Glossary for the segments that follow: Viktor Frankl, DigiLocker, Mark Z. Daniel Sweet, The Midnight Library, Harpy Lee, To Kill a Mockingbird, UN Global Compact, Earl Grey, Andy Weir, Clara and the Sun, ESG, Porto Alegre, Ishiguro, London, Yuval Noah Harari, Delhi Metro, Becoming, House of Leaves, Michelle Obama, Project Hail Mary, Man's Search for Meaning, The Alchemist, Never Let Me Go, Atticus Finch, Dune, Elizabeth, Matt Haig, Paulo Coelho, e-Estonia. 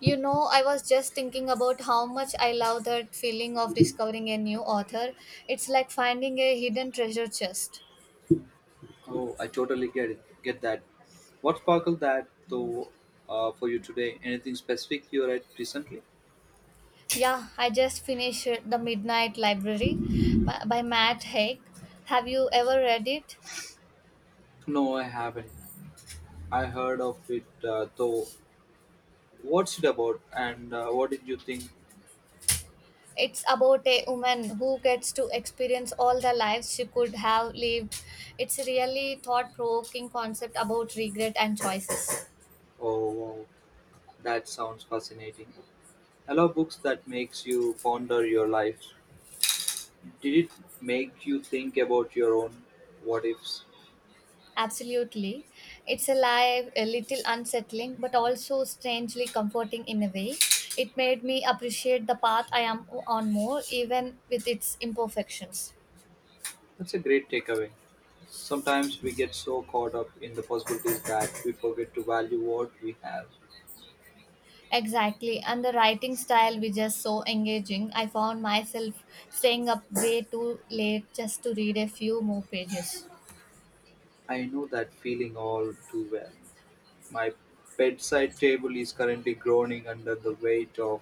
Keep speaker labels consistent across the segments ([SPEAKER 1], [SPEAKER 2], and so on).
[SPEAKER 1] You know, I was just thinking about how much I love that feeling of discovering a new author. It's like finding a hidden treasure chest.
[SPEAKER 2] Oh, I totally get it. Get that. What sparkled that though for you today? Anything specific you read recently?
[SPEAKER 1] Yeah, I just finished The Midnight Library by Matt Haig. Have you ever read it?
[SPEAKER 2] No, I haven't. I heard of it though. What's it about, and what did you think?
[SPEAKER 1] It's about a woman who gets to experience all the lives she could have lived. It's a really thought provoking concept about regret and choices.
[SPEAKER 2] Oh, wow, that sounds fascinating. I love books that makes you ponder your lives. Did it make you think about your own what ifs?
[SPEAKER 1] Absolutely. It's alive, a little unsettling, but also strangely comforting in a way. It made me appreciate the path I am on more, even with its imperfections.
[SPEAKER 2] That's a great takeaway. Sometimes we get so caught up in the possibilities that we forget to value what we have.
[SPEAKER 1] Exactly. And the writing style was just so engaging. I found myself staying up way too late just to read a few more pages.
[SPEAKER 2] I know that feeling all too well. My bedside table is currently groaning under the weight of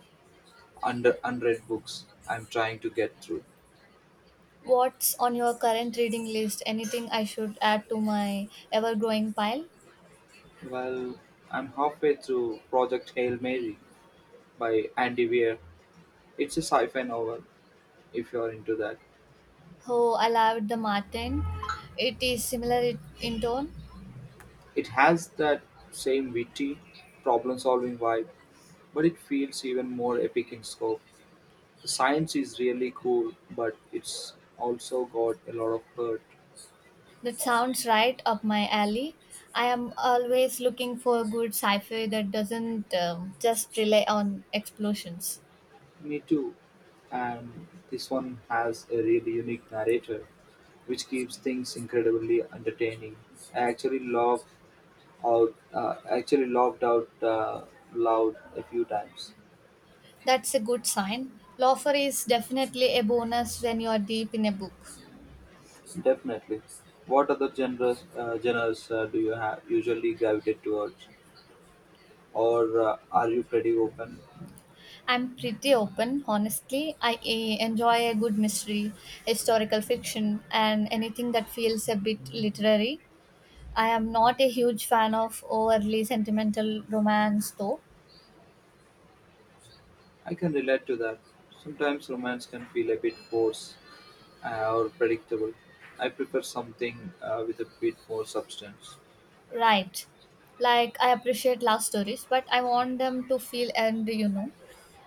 [SPEAKER 2] under unread books I'm trying to get through.
[SPEAKER 1] What's on your current reading list? Anything I should add to my ever growing pile?
[SPEAKER 2] Well, I'm halfway through Project Hail Mary by Andy Weir. It's a sci-fi novel, if you're into that.
[SPEAKER 1] Oh, I loved the Martin. It is similar in tone.
[SPEAKER 2] It has that same witty, problem-solving vibe, but it feels even more epic in scope. The science is really cool, but it's also got a lot of hurt.
[SPEAKER 1] That sounds right up my alley. I am always looking for good sci fi that doesn't just rely on explosions.
[SPEAKER 2] Me too. And this one has a really unique narrator, which keeps things incredibly entertaining. I actually loved out. Actually loved out loud a few times.
[SPEAKER 1] That's a good sign. Loafer is definitely a bonus when you're deep in a book.
[SPEAKER 2] Definitely. What other genres do you have usually gravitate towards, or are you pretty open?
[SPEAKER 1] I'm pretty open, honestly. I enjoy a good mystery, historical fiction, and anything that feels a bit literary. I am not a huge fan of overly sentimental romance, though.
[SPEAKER 2] I can relate to that. Sometimes romance can feel a bit forced or predictable. I prefer something with a bit more substance.
[SPEAKER 1] Right. Like I appreciate love stories, but I want them to feel and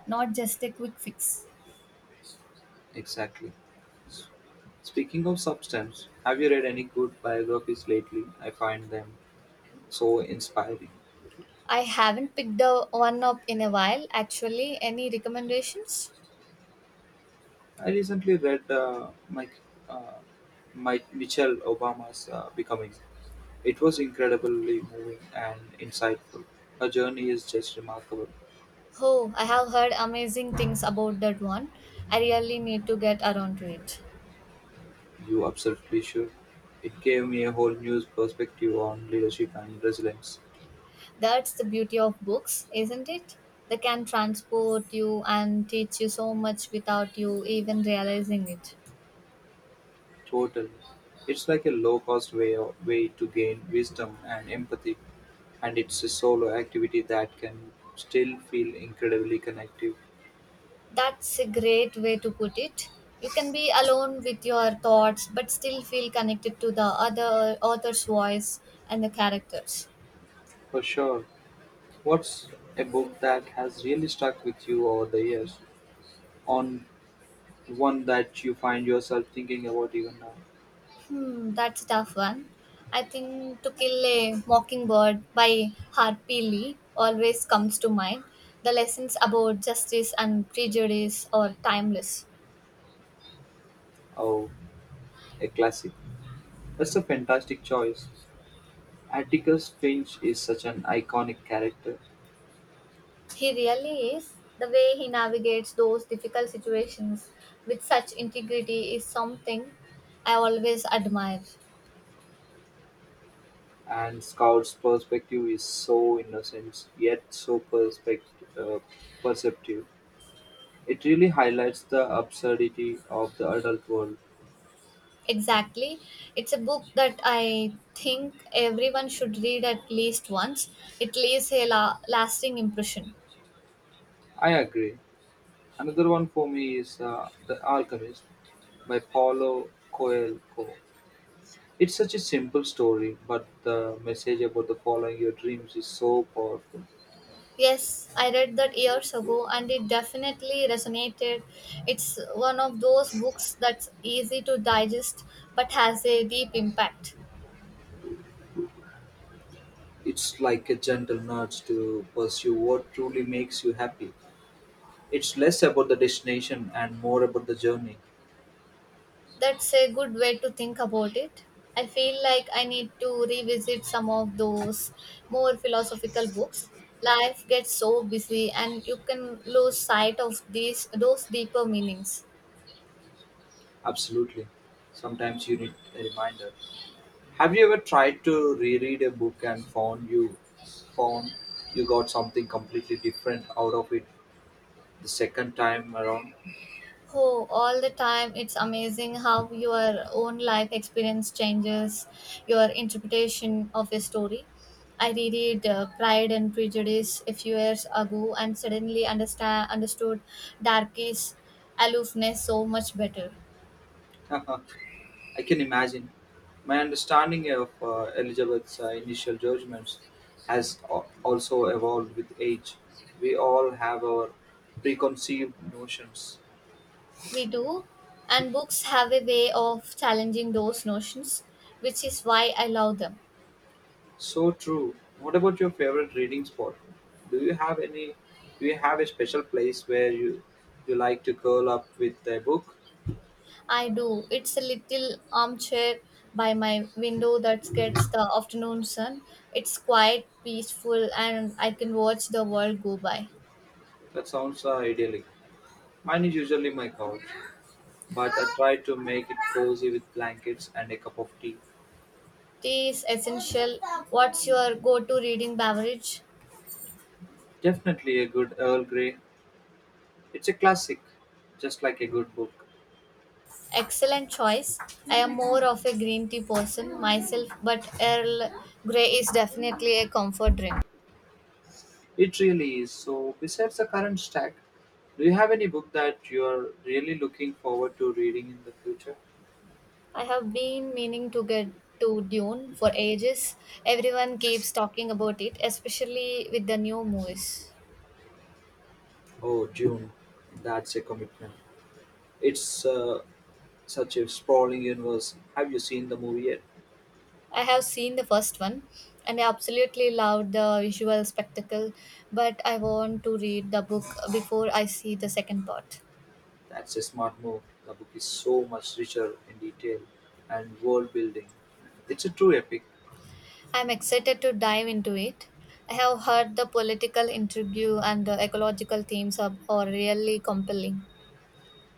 [SPEAKER 1] not just a quick fix.
[SPEAKER 2] Exactly. S- Speaking of substance, have you read any good biographies lately? I find them so inspiring.
[SPEAKER 1] I haven't picked the one up in a while. Actually, any recommendations?
[SPEAKER 2] I recently read Mike, uh, Mike Michelle Obama's Becoming. It was incredibly moving and insightful. Her journey is just remarkable.
[SPEAKER 1] Oh, I have heard amazing things about that one. I really need to get around to it.
[SPEAKER 2] You absolutely should. It gave me a whole new perspective on leadership and resilience.
[SPEAKER 1] That's the beauty of books, isn't it? They can transport you and teach you so much without you even realizing it.
[SPEAKER 2] Totally. It's like a low-cost way to gain wisdom and empathy, and it's a solo activity that can still feel incredibly connective.
[SPEAKER 1] That's a great way to put it. You can be alone with your thoughts but still feel connected to the other author's voice and the characters.
[SPEAKER 2] For sure. What's a book that has really stuck with you over the years? On one that you find yourself thinking about even now?
[SPEAKER 1] Hmm, that's a tough one. I think To Kill a Mockingbird by Harpy Lee always comes to mind. The lessons about justice and prejudice are timeless.
[SPEAKER 2] Oh, a classic. That's a fantastic choice. Atticus Finch is such an iconic character.
[SPEAKER 1] He really is. The way he navigates those difficult situations with such integrity is something I always admire.
[SPEAKER 2] And Scout's perspective is so innocent, yet uh, perceptive. It really highlights the absurdity of the adult world.
[SPEAKER 1] Exactly. It's a book that I think everyone should read at least once. It leaves a lasting impression.
[SPEAKER 2] I agree. Another one for me is The Alchemist by Paulo Coelho. It's such a simple story, but the message about the following your dreams is so powerful.
[SPEAKER 1] Yes, I read that years ago and it definitely resonated. It's one of those books that's easy to digest but has a deep impact.
[SPEAKER 2] It's like a gentle nudge to pursue what truly makes you happy. It's less about the destination and more about the journey.
[SPEAKER 1] That's a good way to think about it. I feel like I need to revisit some of those more philosophical books. Life gets so busy and you can lose sight of these those deeper meanings.
[SPEAKER 2] Absolutely. Sometimes you need a reminder. Have you ever tried to reread a book and found you got something completely different out of it the second time around?
[SPEAKER 1] Oh, all the time it's amazing how your own life experience changes your interpretation of a story. I reread Pride and Prejudice a few years ago and suddenly understand understood Darky's aloofness so much better.
[SPEAKER 2] I can imagine. My understanding of Elizabeth's initial judgments also evolved with age. We all have our preconceived notions.
[SPEAKER 1] We do, and books have a way of challenging those notions, which is why I love them.
[SPEAKER 2] So true. What about your favorite reading spot? Do you have any do you have a special place where you like to curl up with a book?
[SPEAKER 1] I do. It's a little armchair by my window that gets the afternoon sun. It's quite peaceful, and I can watch the world go by.
[SPEAKER 2] That sounds idyllic. Mine is usually my couch, but I try to make it cozy with blankets and a cup of tea.
[SPEAKER 1] Tea is essential. What's your go to reading beverage?
[SPEAKER 2] Definitely a good Earl Grey. It's a classic, just like a good book.
[SPEAKER 1] Excellent choice. I am more of a green tea person myself, but Earl Grey is definitely a comfort drink.
[SPEAKER 2] It really is. So besides the current stack, do you have any book that you are really looking forward to reading in the future?
[SPEAKER 1] I have been meaning to get to Dune for ages. Everyone keeps talking about it, especially with the new movies.
[SPEAKER 2] Oh, June. That's a commitment. It's such a sprawling universe. Have you seen the movie yet?
[SPEAKER 1] I have seen the first one and I absolutely loved the visual spectacle, but I want to read the book before I see the second part.
[SPEAKER 2] That's a smart move. The book is so much richer in detail and world building. It's a true epic.
[SPEAKER 1] I'm excited to dive into it. I have heard the political intrigue and the ecological themes are really compelling.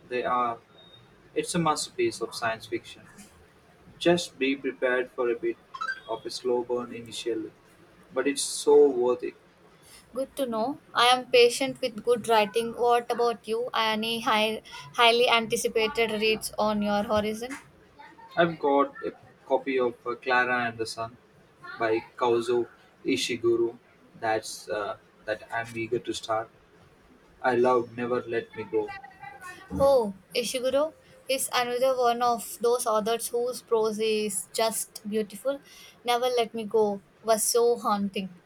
[SPEAKER 2] They are. It's a masterpiece of science fiction. Just be prepared for a bit of a slow burn initially, but it's so worth it.
[SPEAKER 1] Good to know. I am patient with good writing. What about you? Any highly anticipated reads on your horizon?
[SPEAKER 2] I've got a copy of Clara and the Sun by Kaozo Ishiguro. That's uh, that I'm eager to start. I love Never Let Me Go.
[SPEAKER 1] Oh, Ishiguro is another one of those authors whose prose is just beautiful. Never Let Me Go was so haunting.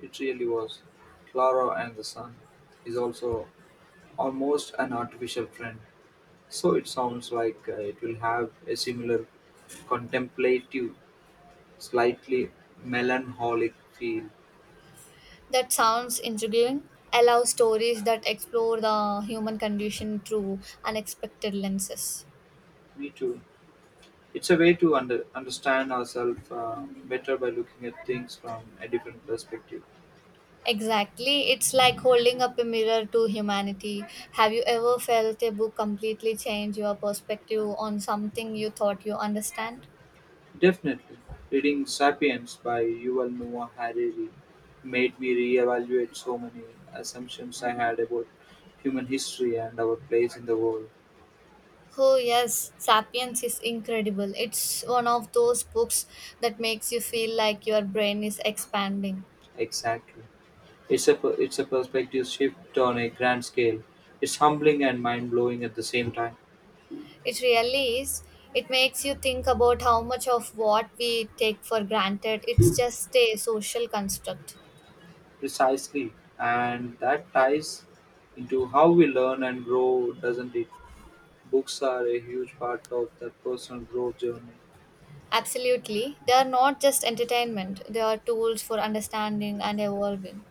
[SPEAKER 2] It really was. Clara and the Sun is also almost an artificial friend, so it sounds like it will have a similar contemplative, slightly melancholic feel.
[SPEAKER 1] That sounds intriguing. Allow stories that explore the human condition through unexpected lenses.
[SPEAKER 2] Me too. It's a way to understand ourselves better by looking at things from a different perspective.
[SPEAKER 1] Exactly. It's like holding up a mirror to humanity. Have you ever felt a book completely change your perspective on something you thought you understand?
[SPEAKER 2] Definitely, reading "Sapiens" by Yuval Noah Harari made me reevaluate so many assumptions I had about human history and our place in the world.
[SPEAKER 1] Oh, yes. Sapiens is incredible. It's one of those books that makes you feel like your brain is expanding.
[SPEAKER 2] Exactly. It's a perspective shift on a grand scale. It's humbling and mind-blowing at the same time.
[SPEAKER 1] It really is. It makes you think about how much of what we take for granted. It's just a social construct.
[SPEAKER 2] Precisely, and that ties into how we learn and grow, doesn't it? Books are a huge part of that personal growth journey.
[SPEAKER 1] Absolutely. They are not just entertainment, they are tools for understanding and evolving.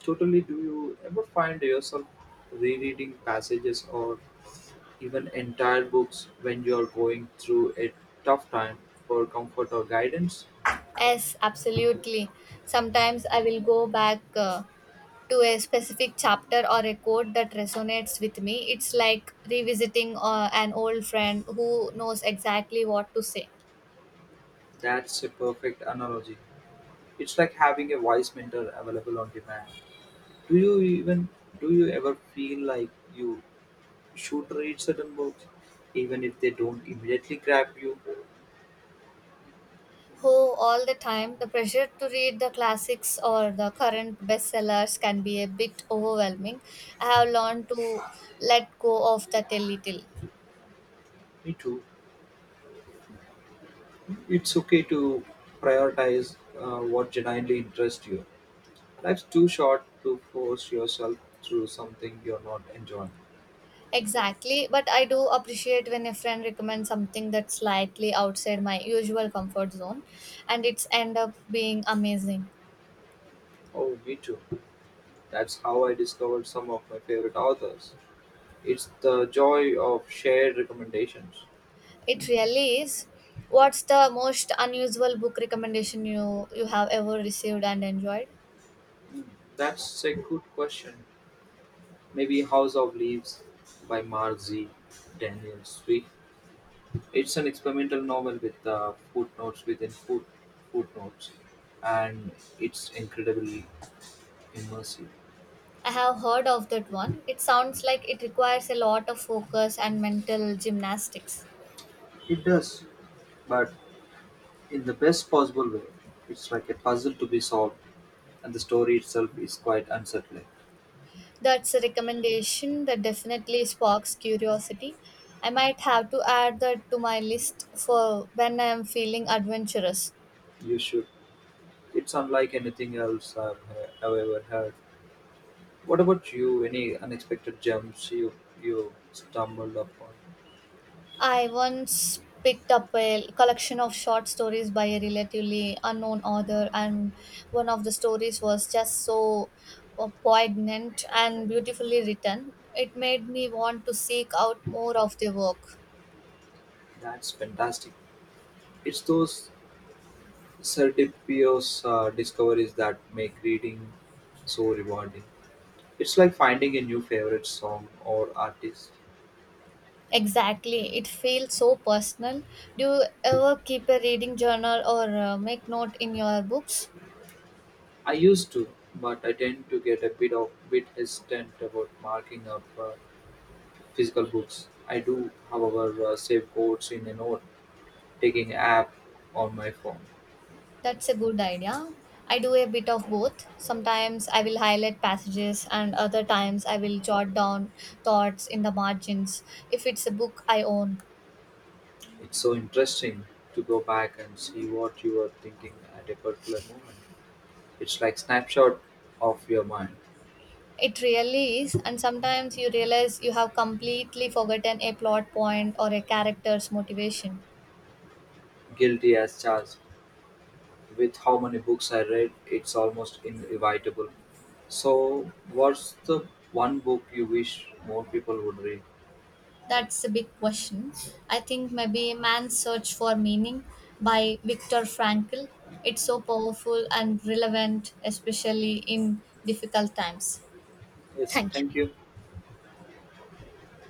[SPEAKER 2] Totally, do you ever find yourself rereading passages or even entire books when you're going through a tough time for comfort or guidance?
[SPEAKER 1] Yes, absolutely. Sometimes I will go back to a specific chapter or a quote that resonates with me. It's like revisiting an old friend who knows exactly what to say.
[SPEAKER 2] That's a perfect analogy. It's like having a wise mentor available on demand. Do you even do you ever feel like you should read certain books even if they don't immediately grab you?
[SPEAKER 1] Who all the time, the pressure to read the classics or the current bestsellers can be a bit overwhelming. I have learned to let go of that a little.
[SPEAKER 2] Me too. It's okay to prioritize what genuinely interests you. Life's too short to force yourself through something you're not enjoying.
[SPEAKER 1] Exactly, but I do appreciate when a friend recommends something that's slightly outside my usual comfort zone and it's end up being amazing.
[SPEAKER 2] Oh, me too. That's how I discovered some of my favorite authors. It's the joy of shared recommendations.
[SPEAKER 1] It really is. What's the most unusual book recommendation you have ever received and enjoyed?
[SPEAKER 2] Hmm, that's a good question. Maybe House of Leaves by Mark Z. Daniel Sweet. It's an experimental novel with footnotes, and it's incredibly immersive.
[SPEAKER 1] I have heard of that one. It sounds like it requires a lot of focus and mental gymnastics.
[SPEAKER 2] It does, but in the best possible way, it's like a puzzle to be solved, and the story itself is quite unsettling.
[SPEAKER 1] That's a recommendation that definitely sparks curiosity. I might have to add that to my list for when I am feeling adventurous.
[SPEAKER 2] You should. It's unlike anything else I've ever heard. What about you? Any unexpected gems you stumbled upon?
[SPEAKER 1] I once picked up a collection of short stories by a relatively unknown author, and one of the stories was just so poignant and beautifully written. It made me want to seek out more of their work.
[SPEAKER 2] That's fantastic. It's those serendipitous discoveries that make reading so rewarding. It's like finding a new favorite song or artist.
[SPEAKER 1] Exactly, it feels so personal. Do you ever keep a reading journal or make note in your books?
[SPEAKER 2] I used to, but I tend to get a bit of bit hesitant about marking up physical books. I do, however, save quotes in a note-taking app on my phone.
[SPEAKER 1] That's a good idea. I do a bit of both. Sometimes I will highlight passages, and other times I will jot down thoughts in the margins if it's a book I own.
[SPEAKER 2] It's so interesting to go back and see what you were thinking at a particular moment. It's like snapshot of your mind.
[SPEAKER 1] It really is, and sometimes you realize you have completely forgotten a plot point or a character's motivation.
[SPEAKER 2] Guilty as charged. With how many books I read, it's almost inevitable. So, what's the one book you wish more people would read?
[SPEAKER 1] That's a big question. I think maybe Man's Search for Meaning by Viktor Frankl. It's so powerful and relevant, especially in difficult times.
[SPEAKER 2] Yes,
[SPEAKER 1] Thank you.
[SPEAKER 2] thank you.